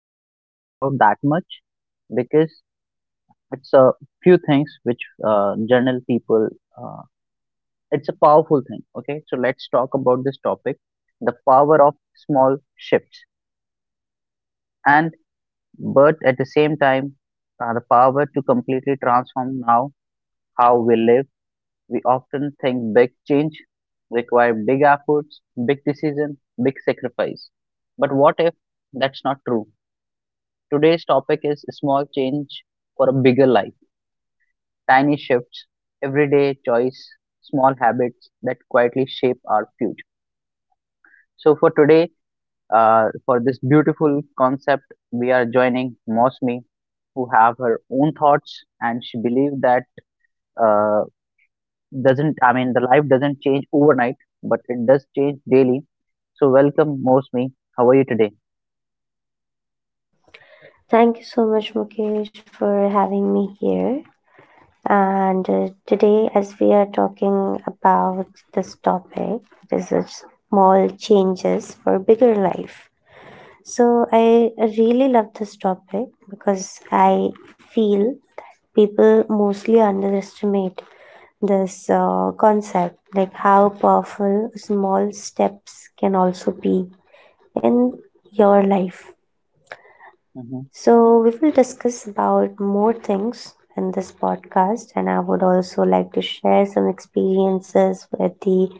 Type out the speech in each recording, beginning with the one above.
Not talk about that much because it's a few things which general people. Uh, it's a powerful thing. Okay, so let's talk about this topic: the power of small shifts, and but at the same time, the power to completely transform now how we live. We often think big change require big efforts, big decision, big sacrifice. But what if that's not true? Today's topic is small change for a bigger life. Tiny shifts, everyday choice, small habits that quietly shape our future. So for today, for this beautiful concept, we are joining Mosmi, who have her own thoughts, and she believes that uh, doesn't I mean the life doesn't change overnight, but it does change daily. So welcome, Mosmi. How are you today? Thank you so much, Mukesh, for having me here. And today, as we are talking about this topic, it is small changes for bigger life. So, I really love this topic because I feel people mostly underestimate this concept, like how powerful small steps can also be in your life. Hmm. So we will discuss about more things in this podcast, and I would also like to share some experiences with the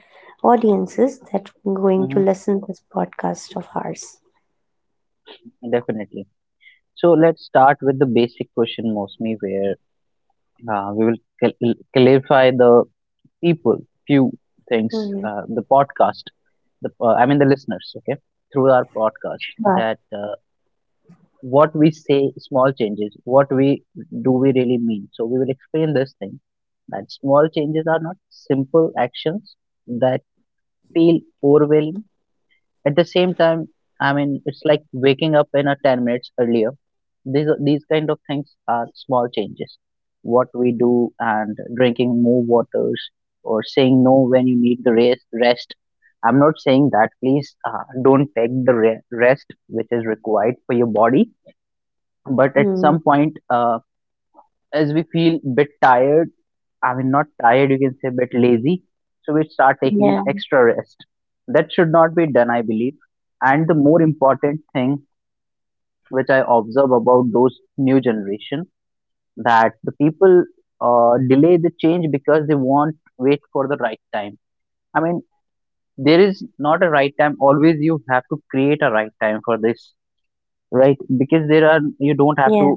audiences that are going Hmm. to listen to this podcast of ours. Definitely. So let's start with the basic question, Mosmi, where we will cal- clarify the people, few things, Mm-hmm. The podcast, the I mean the listeners, okay, through our podcast Sure. that what we say small changes what we do we really mean. So we will explain this thing that small changes are not simple actions that feel overwhelming at the same time. I mean it's like waking up in a 10 minutes earlier. These kind of things are small changes what we do, and drinking more waters, or saying no when you need the rest. I'm not saying that please don't take the re- rest which is required for your body, but at some Mm. point as we feel bit tired, I mean not tired, you can say bit lazy, so we start taking Yeah. extra rest. That should not be done, I believe. And the more important thing which I observe about those new generation, that the people delay the change because they want wait for the right time. I mean, there is not a right time, always you have to create a right time for this, right? Because there are you don't have Yeah. to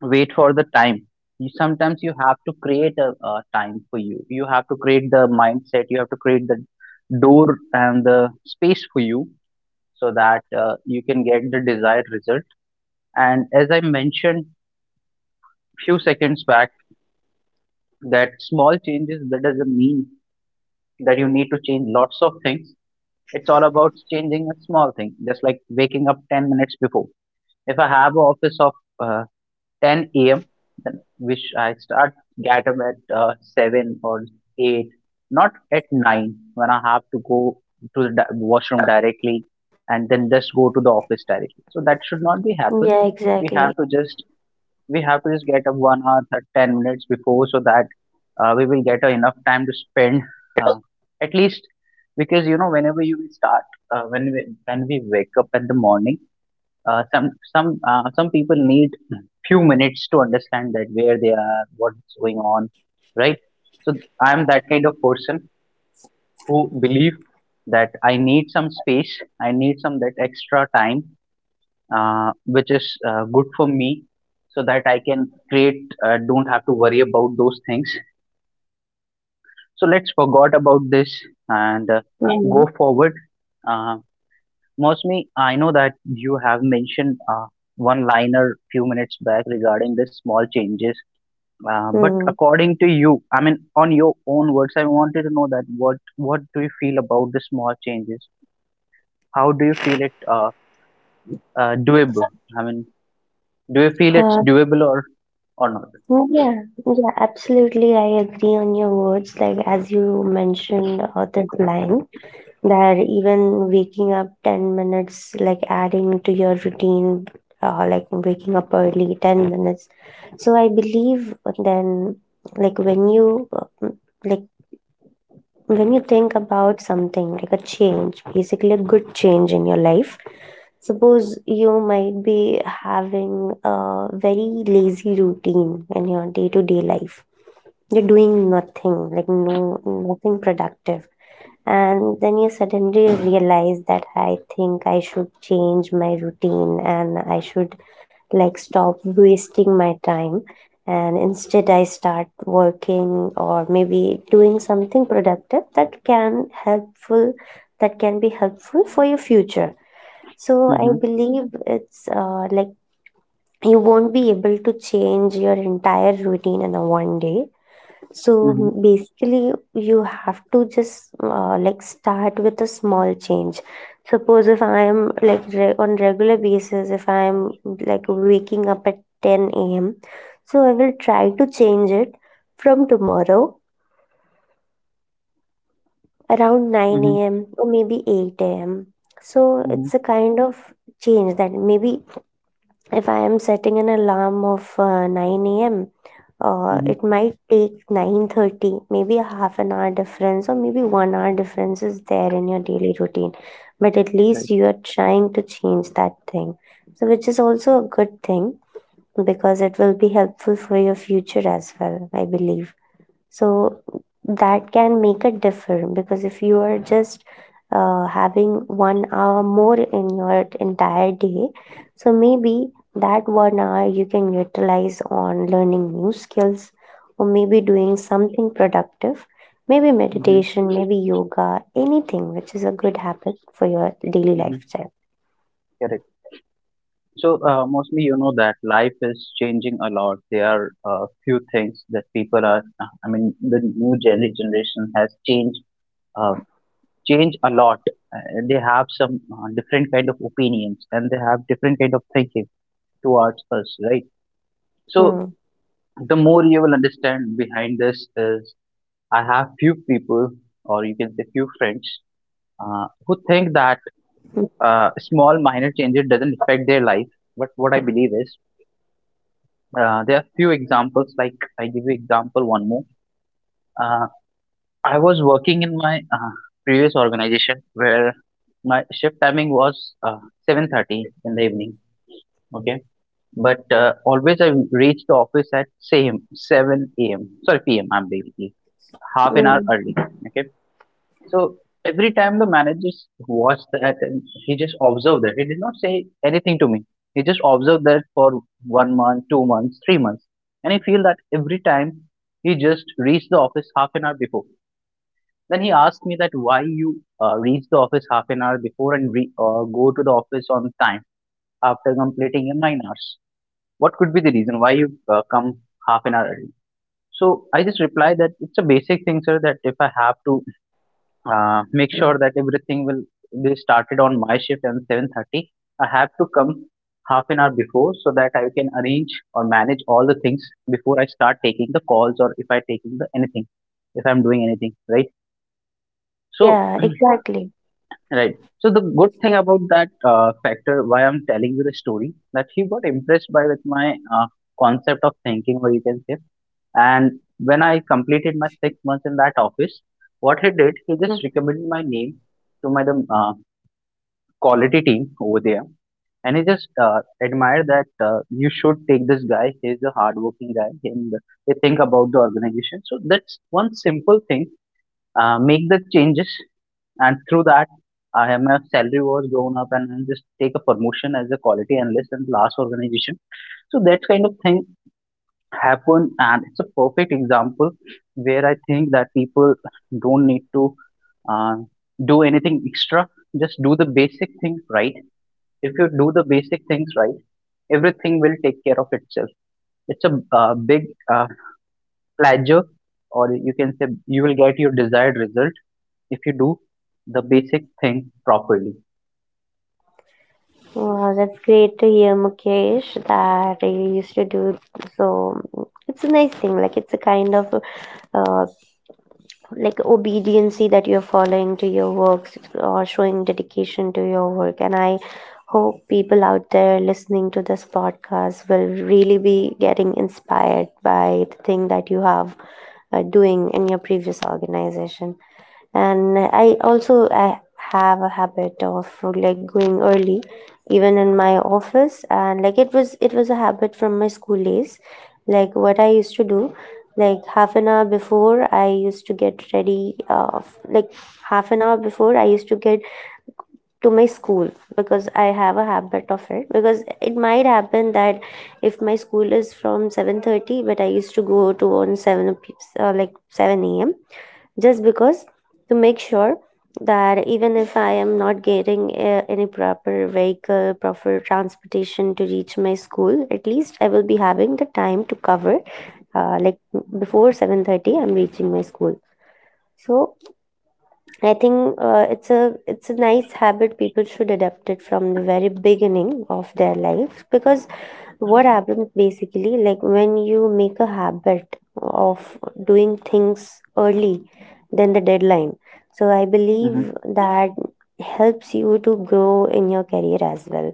wait for the time. You sometimes you have to create a time for you, you have to create the mindset, you have to create the door and the space for you so that you can get the desired result. And as I mentioned few seconds back, that small changes that doesn't mean that you need to change lots of things. It's all about changing a small thing just like waking up 10 minutes before. If I have an office of uh, 10 a.m., then which I start get up at 7 or 8, not at 9 when I have to go to the washroom directly and then just go to the office directly. So that should not be happen. We have to just we have to just get up 1 hour 10 minutes before so that we will get enough time to spend, uh, at least, because you know whenever you will start when we wake up in the morning, some people need few minutes to understand that where they are, what's going on, right? So I am that kind of person who believe that I need some space, I need some that extra time, which is good for me, so that I can create. Don't have to worry about those things. So let's forgot about this, and Mhm. go forward. Uh, Mostly, I know that you have mentioned one liner few minutes back regarding this small changes. But Mhm. according to you, I mean, on your own words, I wanted to know that what do you feel about the small changes? How do you feel it doable? I mean, do you feel it's Uh, doable or not? yeah, yeah, absolutely. I agree on your words. Like, as you mentioned, that line that even waking up 10 minutes, like adding to your routine, like waking up early 10 minutes. So, I believe then, like, when you like when you think about something like a change, basically a good change in your life. Suppose you might be having a very lazy routine in your day to day life. You're doing nothing, like nothing productive, and then you suddenly realize that I think I should change my routine, and I should like stop wasting my time and instead I start working or maybe doing something productive that can helpful that can be helpful for your future. So I Mm-hmm. believe it's like you won't be able to change your entire routine in a one day. So Mm-hmm. basically, you have to just like start with a small change. Suppose if I am like re on regular basis, if I am like waking up at 10 a.m., so I will try to change it from tomorrow around 9 Mm-hmm. a.m. or maybe 8 a.m. So Mm-hmm. it's a kind of change that maybe if I am setting an alarm of 9 a.m., Mm-hmm. it might take 9:30, maybe a half an hour difference or maybe 1 hour difference is there in your daily routine. But at least Right. you are trying to change that thing. So which is also a good thing because it will be helpful for your future as well, I believe. So that can make a difference because if you are just having 1 hour more in your entire day, so maybe that 1 hour you can utilize on learning new skills or maybe doing something productive, maybe Mm-hmm. meditation, maybe yoga, anything which is a good habit for your daily Mm-hmm. lifestyle. Correct. So mostly, you know that life is changing a lot. There are a few things that people are. I mean, the new generation has changed, uh, changed a lot. Uh, they have some different kind of opinions and they have different kind of thinking towards us, right? So Hmm. the more you will understand behind this is, I have few people, or you can say few friends, Hmm. who think that small minor changes doesn't affect their life. But what I believe is, uh, there are few examples. Like, I give you example one more. Uh, I was working in my previous organization where my shift timing was 7:30 in the evening. Okay, but always I reach the office at same 7 a.m. Sorry, p.m. I'm basically half an Hmm. hour early. Okay, so every time the managers watched that, and he just observed that. He did not say anything to me. He just observed that for 1 month, 2 months, 3 months, and I feel that every time he just reached the office half an hour before. Then he asked me that why you reach the office half an hour before and go to the office on time after completing your 9 hours. What could be the reason why you come half an hour early? So I just replied that it's a basic thing, sir. That if I have to make sure that everything will be started on my shift and 7:30. I have to come half an hour before so that I can arrange or manage all the things before I start taking the calls or if I taking the anything, if I'm doing anything, right? So Yeah, exactly. right. So the good thing about that factor, why I'm telling you the story, that he got impressed by with my concept of thinking, or you can say. And when I completed my 6 months in that office, what he did, he Hmm. just recommended my name to my the quality team over there, and I just admire that you should take this guy. He's a hardworking guy, and they think about the organization. So that's one simple thing. Make the changes, and through that, I am a salary was grown up, and I just take a promotion as a quality analyst in the last organization. So that kind of thing happen, and it's a perfect example where I think that people don't need to uh, do anything extra. Just do the basic thing right. If you do the basic things right, everything will take care of itself. It's a big uh, pleasure, or you can say you will get your desired result if you do the basic thing properly. Oh, that's great to hear, Mukesh, that you used to do so. It's a nice thing, like it's a kind of uh, like obediency that you're following to your works or showing dedication to your work. And I hope people out there listening to this podcast will really be getting inspired by the thing that you have doing in your previous organization. And I have a habit of like going early even in my office, and like it was a habit from my school days. Like what I used to do, like half an hour before I used to get ready, like half an hour before I used to get to my school, because I have a habit of it, because it might happen that if my school is from 7:30, but I used to go to on like 7 a.m, just because to make sure that even if I am not getting any proper vehicle, proper transportation to reach my school, at least I will be having the time to cover. Like before 7:30, I'm reaching my school. So I think it's a nice habit people should adopt it from the very beginning of their life, because what happens basically, like when you make a habit of doing things early than the deadline, so I believe Hmm. that helps you to grow in your career as well,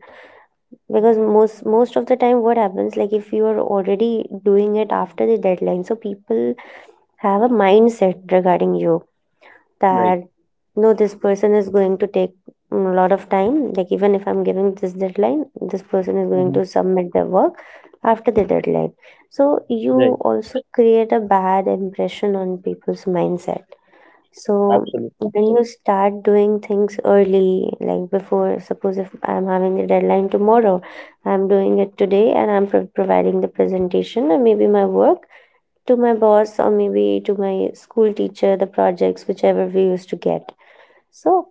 because most of the time what happens, like if you are already doing it after the deadline, so people have a mindset regarding you Right. that no, this person is going to take a lot of time, like even if I'm giving this deadline, this person is going to Mm-hmm. submit their work after the deadline. So you Right. also create a bad impression on people's mindset. So Absolutely. when you start doing things early, like before, suppose if I'm having the deadline tomorrow, I'm doing it today, and I'm providing the presentation and maybe my work to my boss or maybe to my school teacher, the projects whichever we used to get. So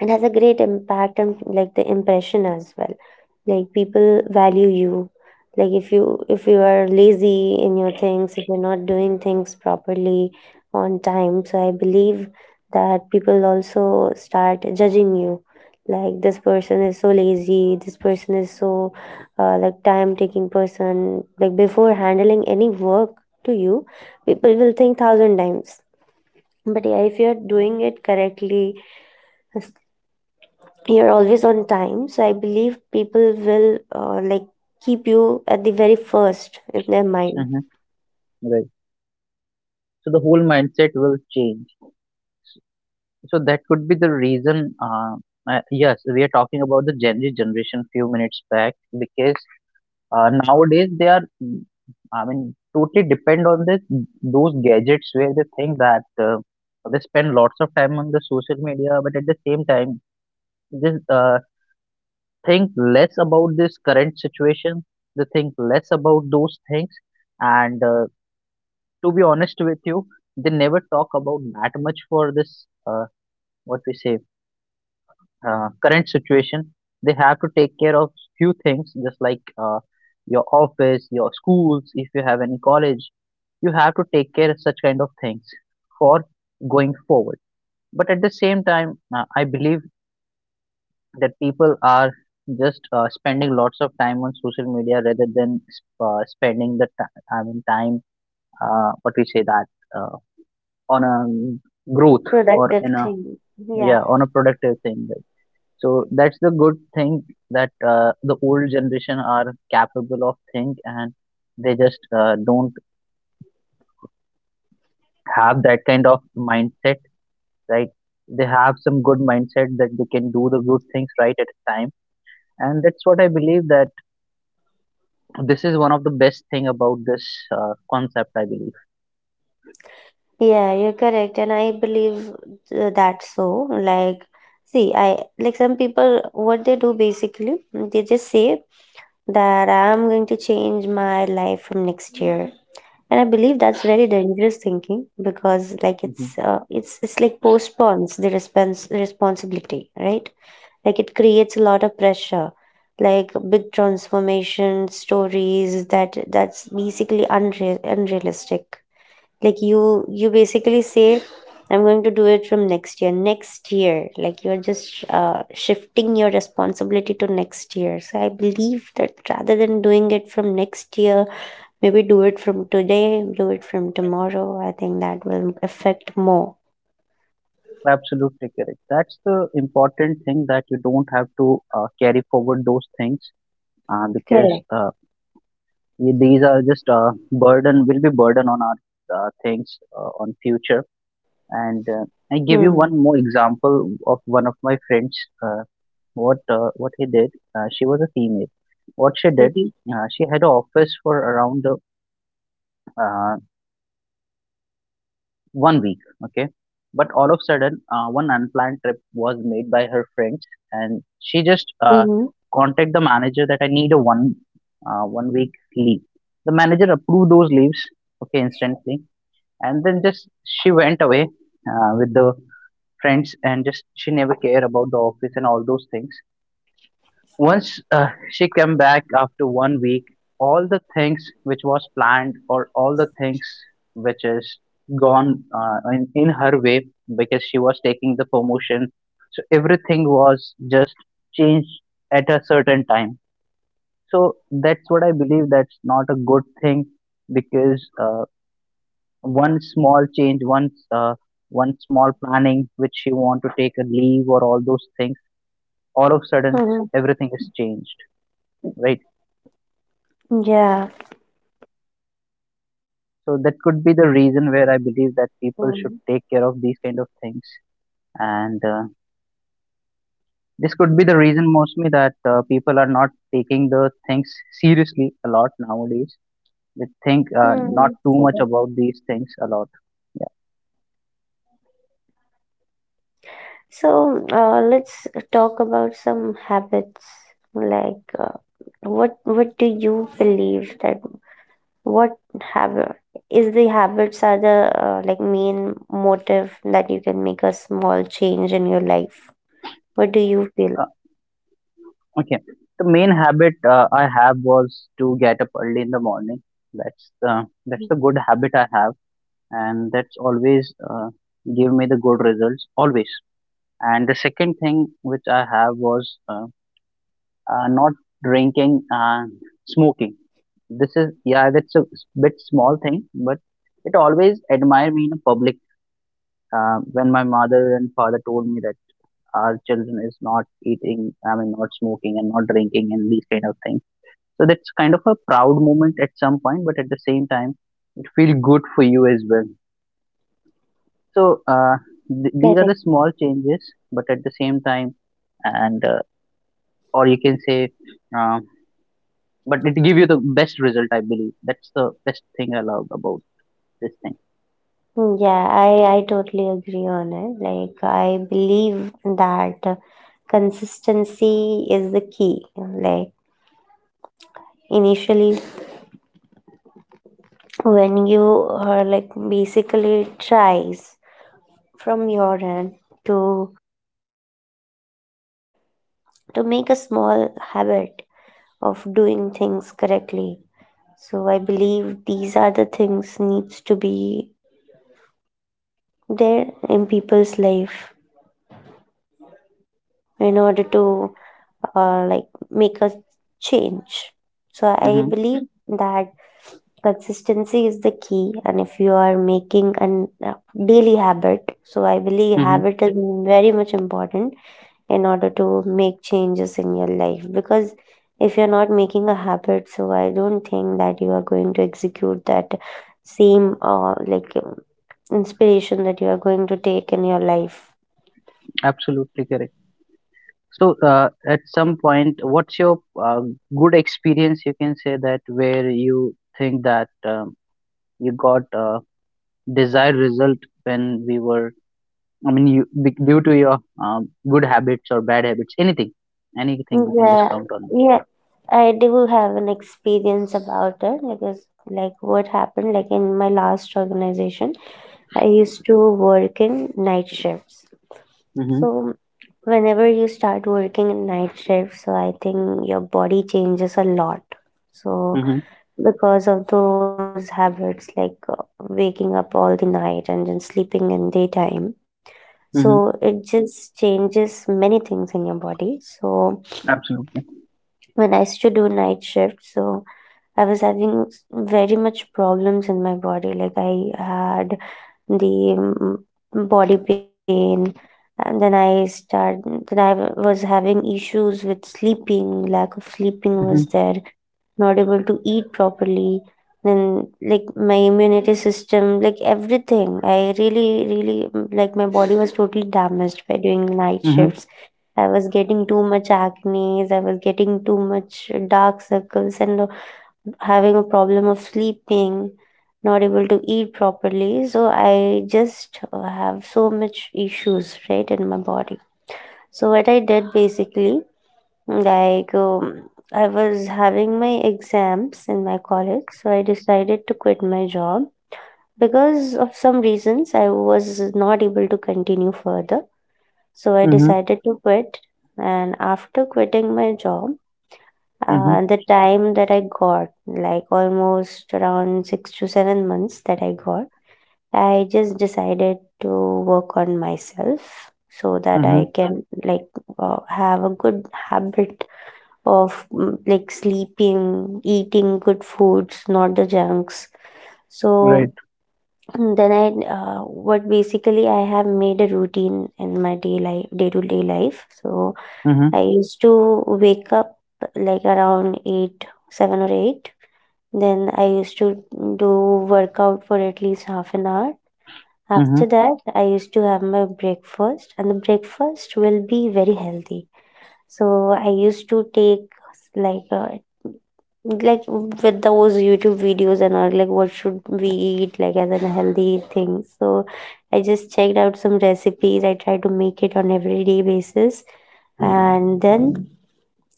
it has a great impact, and like the impression as well, like people value you. Like if you are lazy in your things, if you're not doing things properly on time, so I believe that people also start judging you, like this person is so lazy, this person is so like time taking person, like before handling any work to you, people will think thousand times. But yeah, if you're doing it correctly, you're always on time, so I believe people will like keep you at the very first in their mind. Hmm. Right. So the whole mindset will change. So that could be the reason. Yes, we are talking about the Gen Z generation few minutes back, because nowadays, they are, mm, I mean, totally depend on this those gadgets where they think that they spend lots of time on the social media, but at the same time, they think less about this current situation. They think less about those things, and to be honest with you, they never talk about that much for this. What we say current situation, they have to take care of few things, just like your office, your schools, if you have any college, you have to take care of such kind of things for going forward. But at the same time, I believe that people are just spending lots of time on social media rather than spending the time, I mean, time, what we say that, uh, on a growth or Productive in a, thing. Yeah. yeah, on a productive thing. So that's the good thing that the old generation are capable of think, and they just don't have that kind of mindset, right? They have some good mindset that they can do the good things right at a time, and that's what I believe that this is one of the best thing about this concept. I believe. Yeah, you're correct, and I believe that so like, see, I like some people what they do basically, they just say that I'm going to change my life from next year. And I believe that's very dangerous thinking, because like it's Mhm. It's like postpones the responsibility, right? Like it creates a lot of pressure. Like big transformation stories, that's basically unreal, unrealistic. Like you basically say I'm going to do it from next year. Like you're just shifting your responsibility to next year. So I believe that rather than doing it from next year, maybe do it from today, do it from tomorrow. I think that will affect more. Absolutely correct. That's the important thing that you don't have to carry forward those things because Correct. These are just burden will be burden on our things on future and I give you Hmm. one more example of one of my friends. Uh, what uh, what he did. She was a female. What she did. Okay. She had an office for around uh, 1 week, okay. But all of a sudden, one unplanned trip was made by her friends, and she just Mm-hmm. contact the manager that I need a 1 week leave. The manager approved those leaves, okay, instantly. And then just she went away with the friends and just she never cared about the office and all those things. Once she came back after 1 week, all the things which was planned, or all the things which is gone in her way, because she was taking the promotion, so everything was just changed at a certain time. So that's what I believe, that's not a good thing. Because one small change, one small planning which you want to take a leave or all those things, all of a sudden Mm-hmm. everything is changed, right? Yeah. So that could be the reason where I believe that people should take care of these kind of things. And this could be the reason mostly that people are not taking the things seriously a lot nowadays. They think not Hmm. too much Correct. about these things a lot. Yeah. So, let's talk about some habits. Like, what do you believe that what habit is the habits are the like main motive that you can make a small change in your life? What do you feel? Okay. The main habit I have was to get up early in the morning. That's the good habit I have, and that's always give me the good results always. And the second thing which I have was not drinking and smoking. This is, yeah, that's a bit small thing, but it always admire me in a public. When my mother and father told me that our children is not eating, I mean, not smoking and not drinking and these kind of things, so that's kind of a proud moment at some point, but at the same time, it feels good for you as well. So these are Correct. the small changes, but at the same time, and or you can say, um, but it give you the best result. I believe that's the best thing I love about. Mm, yeah, I totally agree on it. Like, I believe that consistency is the key. Like, initially when you like basically tries from your end to to make a small habit of doing things correctly, so I believe these are the things needs to be there in people's life in order to like make a change. So I Mhm, believe that consistency is the key, and if you are making an daily habit, so I believe mhm. habit is very much important in order to make changes in your life, because if you're not making a habit, so I don't think that you are going to execute that same inspiration that you are going to take in your life. Absolutely correct. So, at some point, what's your good experience you can say that where you think that you got a desired result when we were, I mean, due to your good habits or bad habits, anything, anything you can just Yeah. count on. Yeah, I do have an experience about it, because like what happened, like in my last organization I used to work in night shifts. Mm-hmm, So, whenever you start working in night shifts, so I think your body changes a lot. So, mm-hmm, because of those habits, like waking up all the night and then sleeping in daytime, so mm-hmm. it just changes many things in your body. So Absolutely. when I used to do night shift, so I was having very much problems in my body. Like I had the body pain, and then I start. Then was having issues with sleeping. Lack of sleeping Mm-hmm, was there. Not able to eat properly. Then like my immunity system, like everything. I really, really, like my body was totally damaged by doing night mm-hmm, shifts. I was getting too much acne. I was getting too much dark circles and having a problem of sleeping, not able to eat properly. So I just have so much issues right in my body. So what I did basically, like I was having my exams in my college, so I decided to quit my job, because of some reasons I was not able to continue further. So I mm-hmm, decided to quit, and after quitting my job. mm-hmm, The time that I got, like almost around 6 to 7 months that I got, I just decided to work on myself so that mm-hmm. I can like have a good habit of like sleeping, eating good foods, not the junks. Right. So then I, what basically I have made a routine in my day life, day to day life. So Mm-hmm, I used to wake up like around eight, seven or eight, then I used to do workout for at least half an hour. mm-hmm, After that, I used to have my breakfast, and the breakfast will be very healthy. So I used to take like uh, like with those YouTube videos and all, like what should we eat like as a healthy thing. So I just checked out some recipes. I try to make it on everyday basis, and then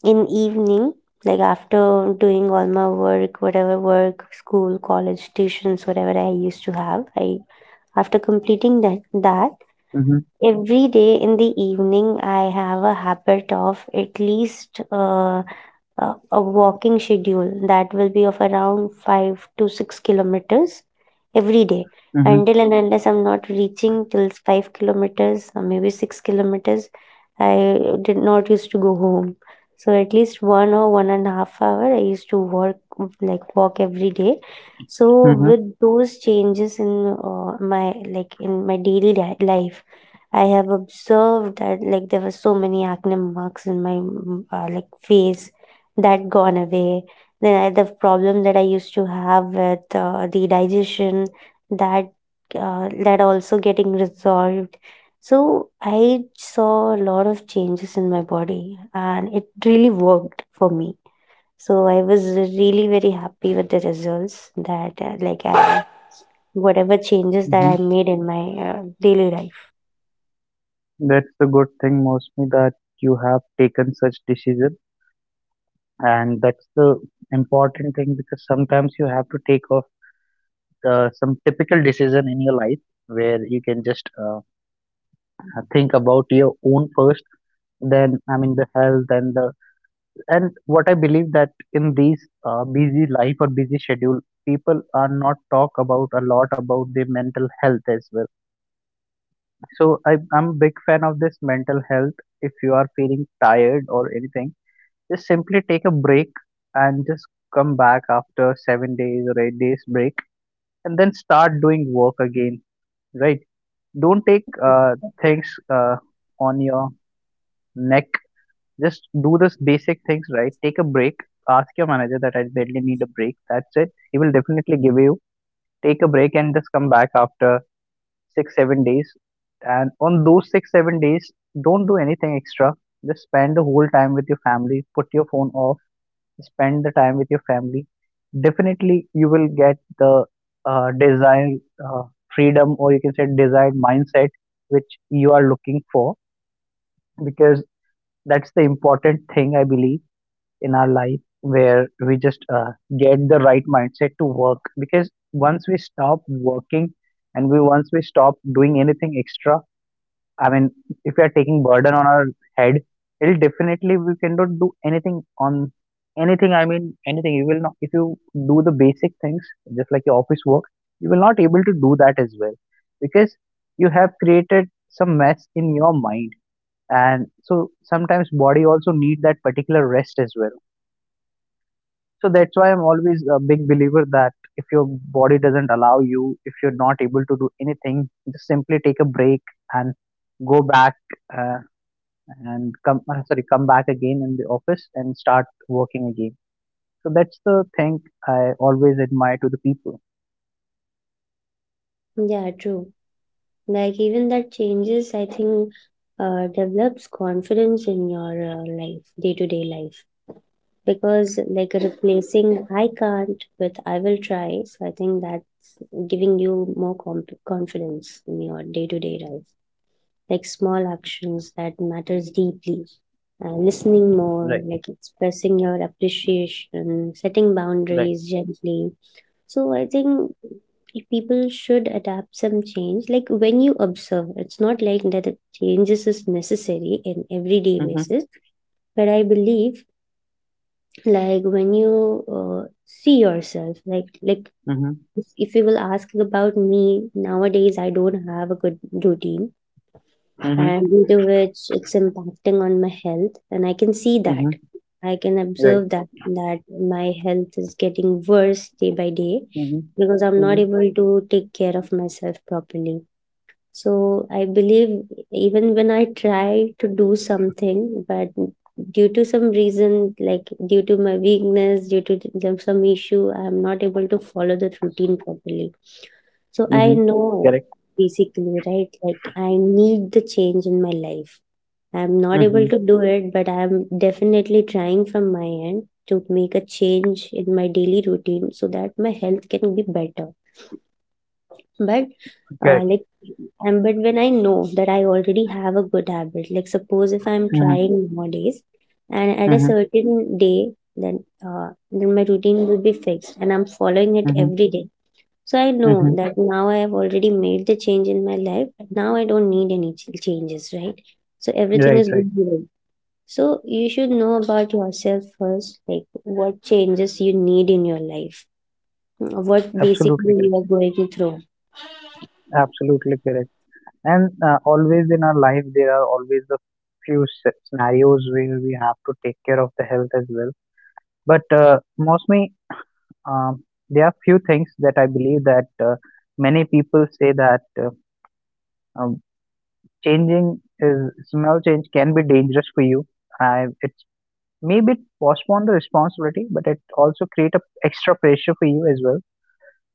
in evening, like after doing all my work, whatever work, school, college, tuitions, whatever I used to have, I after completing that, mm-hmm, every day in the evening I have a habit of at least a, a walking schedule that will be of around 5 to 6 kilometers every day. mm-hmm, Until and unless I'm not reaching till 5 kilometers or maybe 6 kilometers, I did not used to go home. So at least one or one and a half hour I used to work like walk every day. So with those changes in my like in my daily life, I have observed that, like, there were so many acne marks in my like face that gone away. Then the problem that I used to have with the digestion, that that also getting resolved. So I saw a lot of changes in my body, and it really worked for me. So I was really very happy with the results that like whatever changes that mm-hmm. I made in my daily life. That's the good thing, Mosmi, that you have taken such decision, and that's the important thing because sometimes you have to take off some typical decision in your life where you can just think about your own first. Then, I mean, the health and the and what I believe that in these busy life or busy schedule, people are not talk about a lot about their mental health as well. So I, I'm a big fan of this mental health. If you are feeling tired or anything, just simply take a break and just come back after 7 days or 8 days break and then start doing work again, right? Don't take Mm. Things uh, on your neck. Just do this basic things, right? Take a break, ask your manager that I badly need a break, that's it, he will definitely give you. Take a break and just come back after 6 7 days, and on those 6 7 days, don't do anything extra. Just spend the whole time with your family, put your phone off, spend the time with your family, definitely you will get the desired uh, freedom, or you can say desired mindset which you are looking for, because that's the important thing I believe in our life where we just get the right mindset to work. Because once we stop working, and we once we stop doing anything extra, I mean, if we are taking burden on our head, it'll definitely we cannot do anything on anything. I mean, anything. You will not, if you do the basic things, just like your office work, you will not able to do that as well, because you have created some mess in your mind, and so sometimes body also need that particular rest as well. So that's why I'm always a big believer that if your body doesn't allow you, if you're not able to do anything, just simply take a break and go back uh, and, come back again in the office and start working again. So that's the thing I always admire to the people. Yeah, true. Like even that changes, I think, develops confidence in your life, day to day life, because, like, replacing I can't with I will try. So I think that's giving you more confidence in your day to day life. Like, small actions that matters deeply. Listening more, Right, like expressing your appreciation, setting right. boundaries gently. So I think if people should adapt some change, like when you observe, it's not like that the changes is necessary in everyday Mm-hmm, basis, but I believe, like when you see yourself like, mm-hmm, if, you will ask about me nowadays, I don't have a good routine, mm-hmm, and due to which it's impacting on my health, and I can see that, mm-hmm, I can right. observe that that my health is getting worse day by day Mm-hmm, because I'm not mm-hmm, able to take care of myself properly. So I believe even when I try to do something, but due to some reason, like due to my weakness, due to some issue, I'm not able to follow the routine properly. So I mm-hmm. know Correct. basically, right? Like, I need the change in my life. I'm not able Mm-hmm, to do it, but I'm definitely trying from my end to make a change in my daily routine so that my health can be better, but correct. like and but when I know that I already have a good habit, like suppose if I'm Mm-hmm, trying nowadays, and at a mm-hmm, certain day, then then my routine will be fixed, and I'm following it mm-hmm, every day. So I know hmm. that now I have already made the change in my life. Now I don't need any changes, right? So everything Right, is right. good to go. So you should know about yourself first, like what changes you need in your life, what basically Absolutely you correct, are going through. absolutely correct. And always in our life there are always a few scenarios where we have to take care of the health as well, but mostly, Um, there are few things that I believe that many people say that um, changing is small change can be dangerous for you. I it's maybe postpone the responsibility, but it also create a extra pressure for you as well.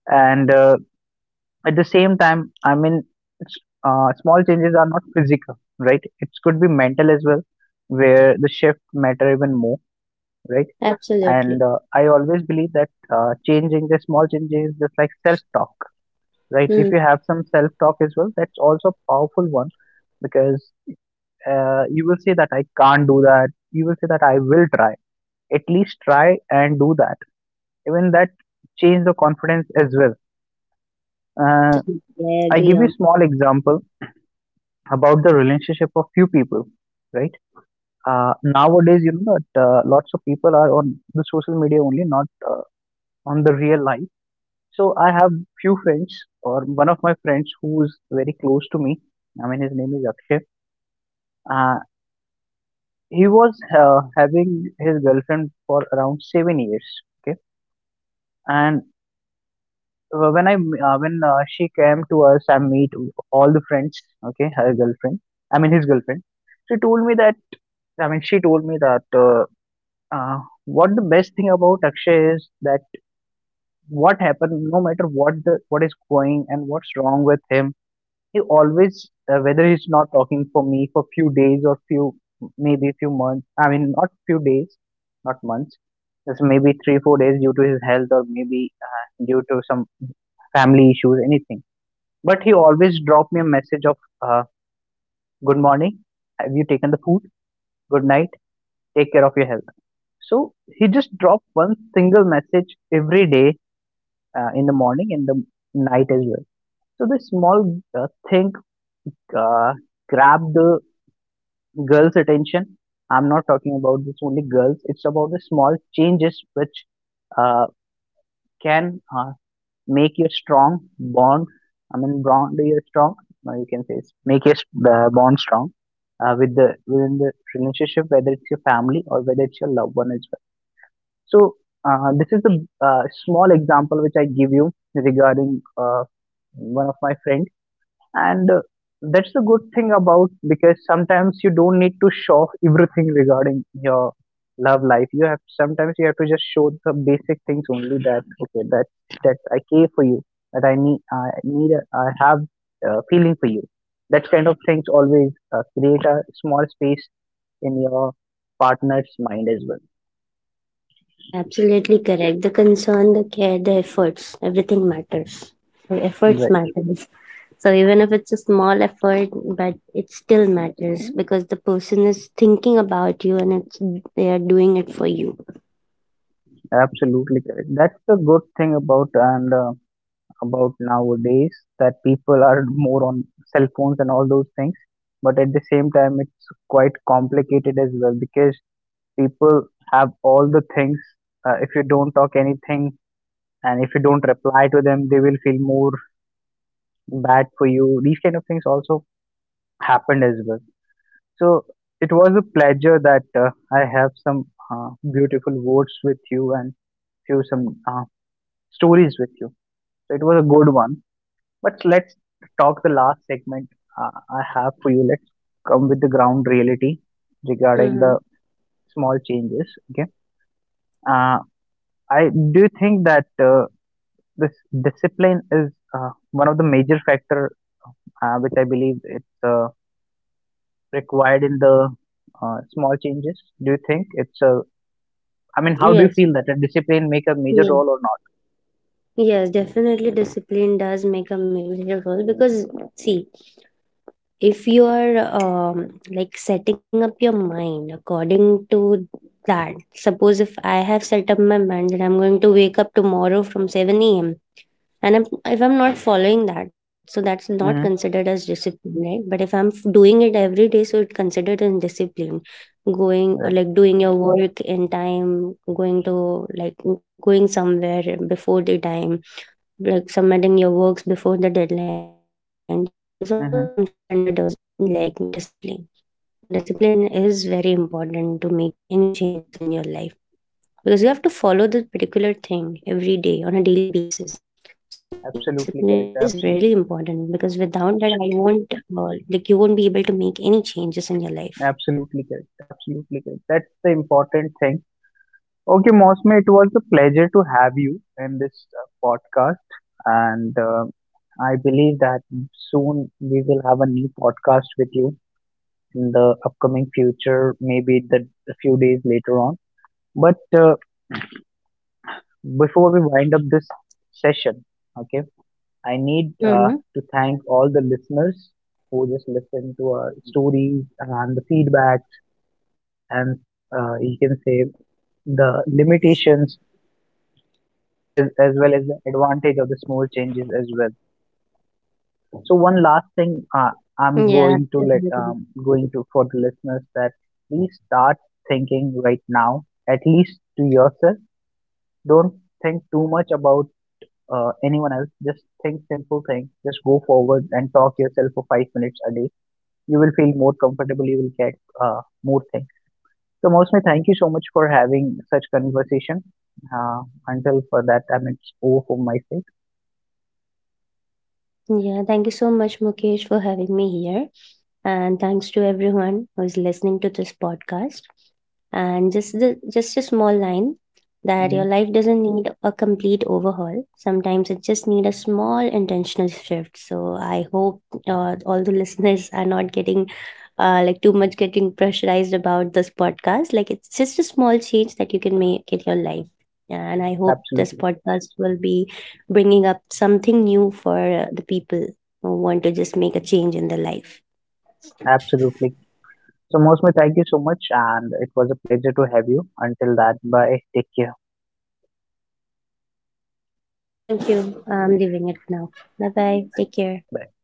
And at the same time, I mean, it's, small changes are not physical, right? It could be mental as well, where the shift matter even more, right? And Absolutely. uh, I always believe that changing the small changes is just like self talk, right? If Mm, you have some self talk as well, that's also a powerful one, because you will say that I can't do that. You will say that I will try. At least try and do that. Even that change the confidence as well. Uh, absolutely, I I agree give you on. a small example about the relationship of few people, right? Nowadays, you know that lots of people are on the social media only, not on the real life. So I have few friends, or one of my friends who's very close to me. I mean, his name is Akshay. Uh, he was having his girlfriend for around 7 years. Okay. And uh, when I when she came to us, I meet all the friends. Okay, her girlfriend. I mean his girlfriend. She told me that. I mean, she told me that. uh, what the best thing about Akshay is that, what happened, no matter what the, what is going and what's wrong with him, he always whether he's not talking for me for few days or few maybe few months, I mean, not few days, not months, just maybe 3 4 days due to his health or maybe uh, due to some family issues, anything, but he always drop me a message of uh, good morning, have you taken the food, good night, take care of your health. So he just dropped one single message every day, in the morning and the night as well. So this small thing uh, grabbed the girls' attention. I'm not talking about this only girls. It's about the small changes which uh, can make your strong bond. I mean, bond your strong. Or you can say make your the bond strong with the within the relationship, whether it's your family or whether it's your loved one as well. So this is the small example which I give you regarding one of my friend. And that's the good thing about, because sometimes you don't need to show off everything regarding your love life you have. Sometimes you have to just show the basic things only, that okay, that that I care for you, that I need, I have a feeling for you. That kind of things always create a small space in your partner's mind as well. Yeah, absolutely correct. The concern, the care, the efforts, everything matters. The efforts matters. So even if it's a small effort, but it still matters because the person is thinking about you and it's they are doing it for you. Right, absolutely correct. That's the good thing about. And about nowadays, that people are more on cell phones and all those things, but at the same time it's quite complicated as well, because people have all the things. If you don't talk anything, and if you don't reply to them, they will feel more bad for you. These kind of things also happened as well. So it was a pleasure that I have some uh, beautiful words with you and few some uh, stories with you. So it was a good one. But let's talk the last segment uh, I have for you. Let's come with the ground reality regarding the Mm-hmm. small changes. Okay. Uh, I do think that this discipline is one of the major factor which I believe it's required in the small changes. Do you think it's a? I mean, how do you Yes. feel that a discipline make a major Yeah. role or Yes, definitely discipline does make a major role because, see, if you are, like, setting up your mind according to that, suppose if I have set up my mind that I'm going to wake up tomorrow from 7 a.m., and if I'm not following that, so that's not not? considered Mm-hmm. as discipline, right? But if I'm doing it every day, so it's considered as discipline, going or like Right. doing your work in time, going to, like, going somewhere before the time, like submitting your works before the deadline, this all comes under like Mm-hmm. discipline. Discipline is very important to make any changes in your life because you have to follow this particular thing every day on a daily basis. So I believe discipline is really important because, Absolutely without correct. that, I Absolutely. won't like you won't be able to make any changes in your life. Absolutely correct. Absolutely correct. That's the important thing. Okay, Mosme, it was a pleasure to have you in this podcast. And I believe that soon we will have a new podcast with you in the upcoming future, maybe the, a few days later on. But before we wind up this session, okay, I Mm-hmm. need to thank all the listeners who just listen to our stories and the feedback, and you can say the limitations as well as the advantage of the small changes as well. So one last Yeah, thing definitely. I'm going to let going to for the listeners that please start thinking right now, at least to yourself. Don't think too much about anyone else. Just think simple things. Just go forward and talk yourself for 5 minutes a day. You will feel more comfortable. You will get more things. So mostly, thank you so much for having such conversation. Uh, until for that, I mean, it's over for my sake. Yeah, thank you so much, Mukesh, for having me here. And thanks to everyone who is listening to this podcast. And just a small line that your Mm, life doesn't need a complete overhaul. Sometimes it just need a small intentional shift. So I hope all the listeners are not getting like too much getting pressurized about this podcast. Like, it's just a small change that you can make in your life. And I hope this absolutely. podcast will be bringing up something new for the people who want to just make a change in their life. Absolutely. So, Mosme, thank you so much, and it was a pleasure to have you. Until that, bye. Take care. Thank you. I'm leaving it now. Bye bye. Take care. Bye.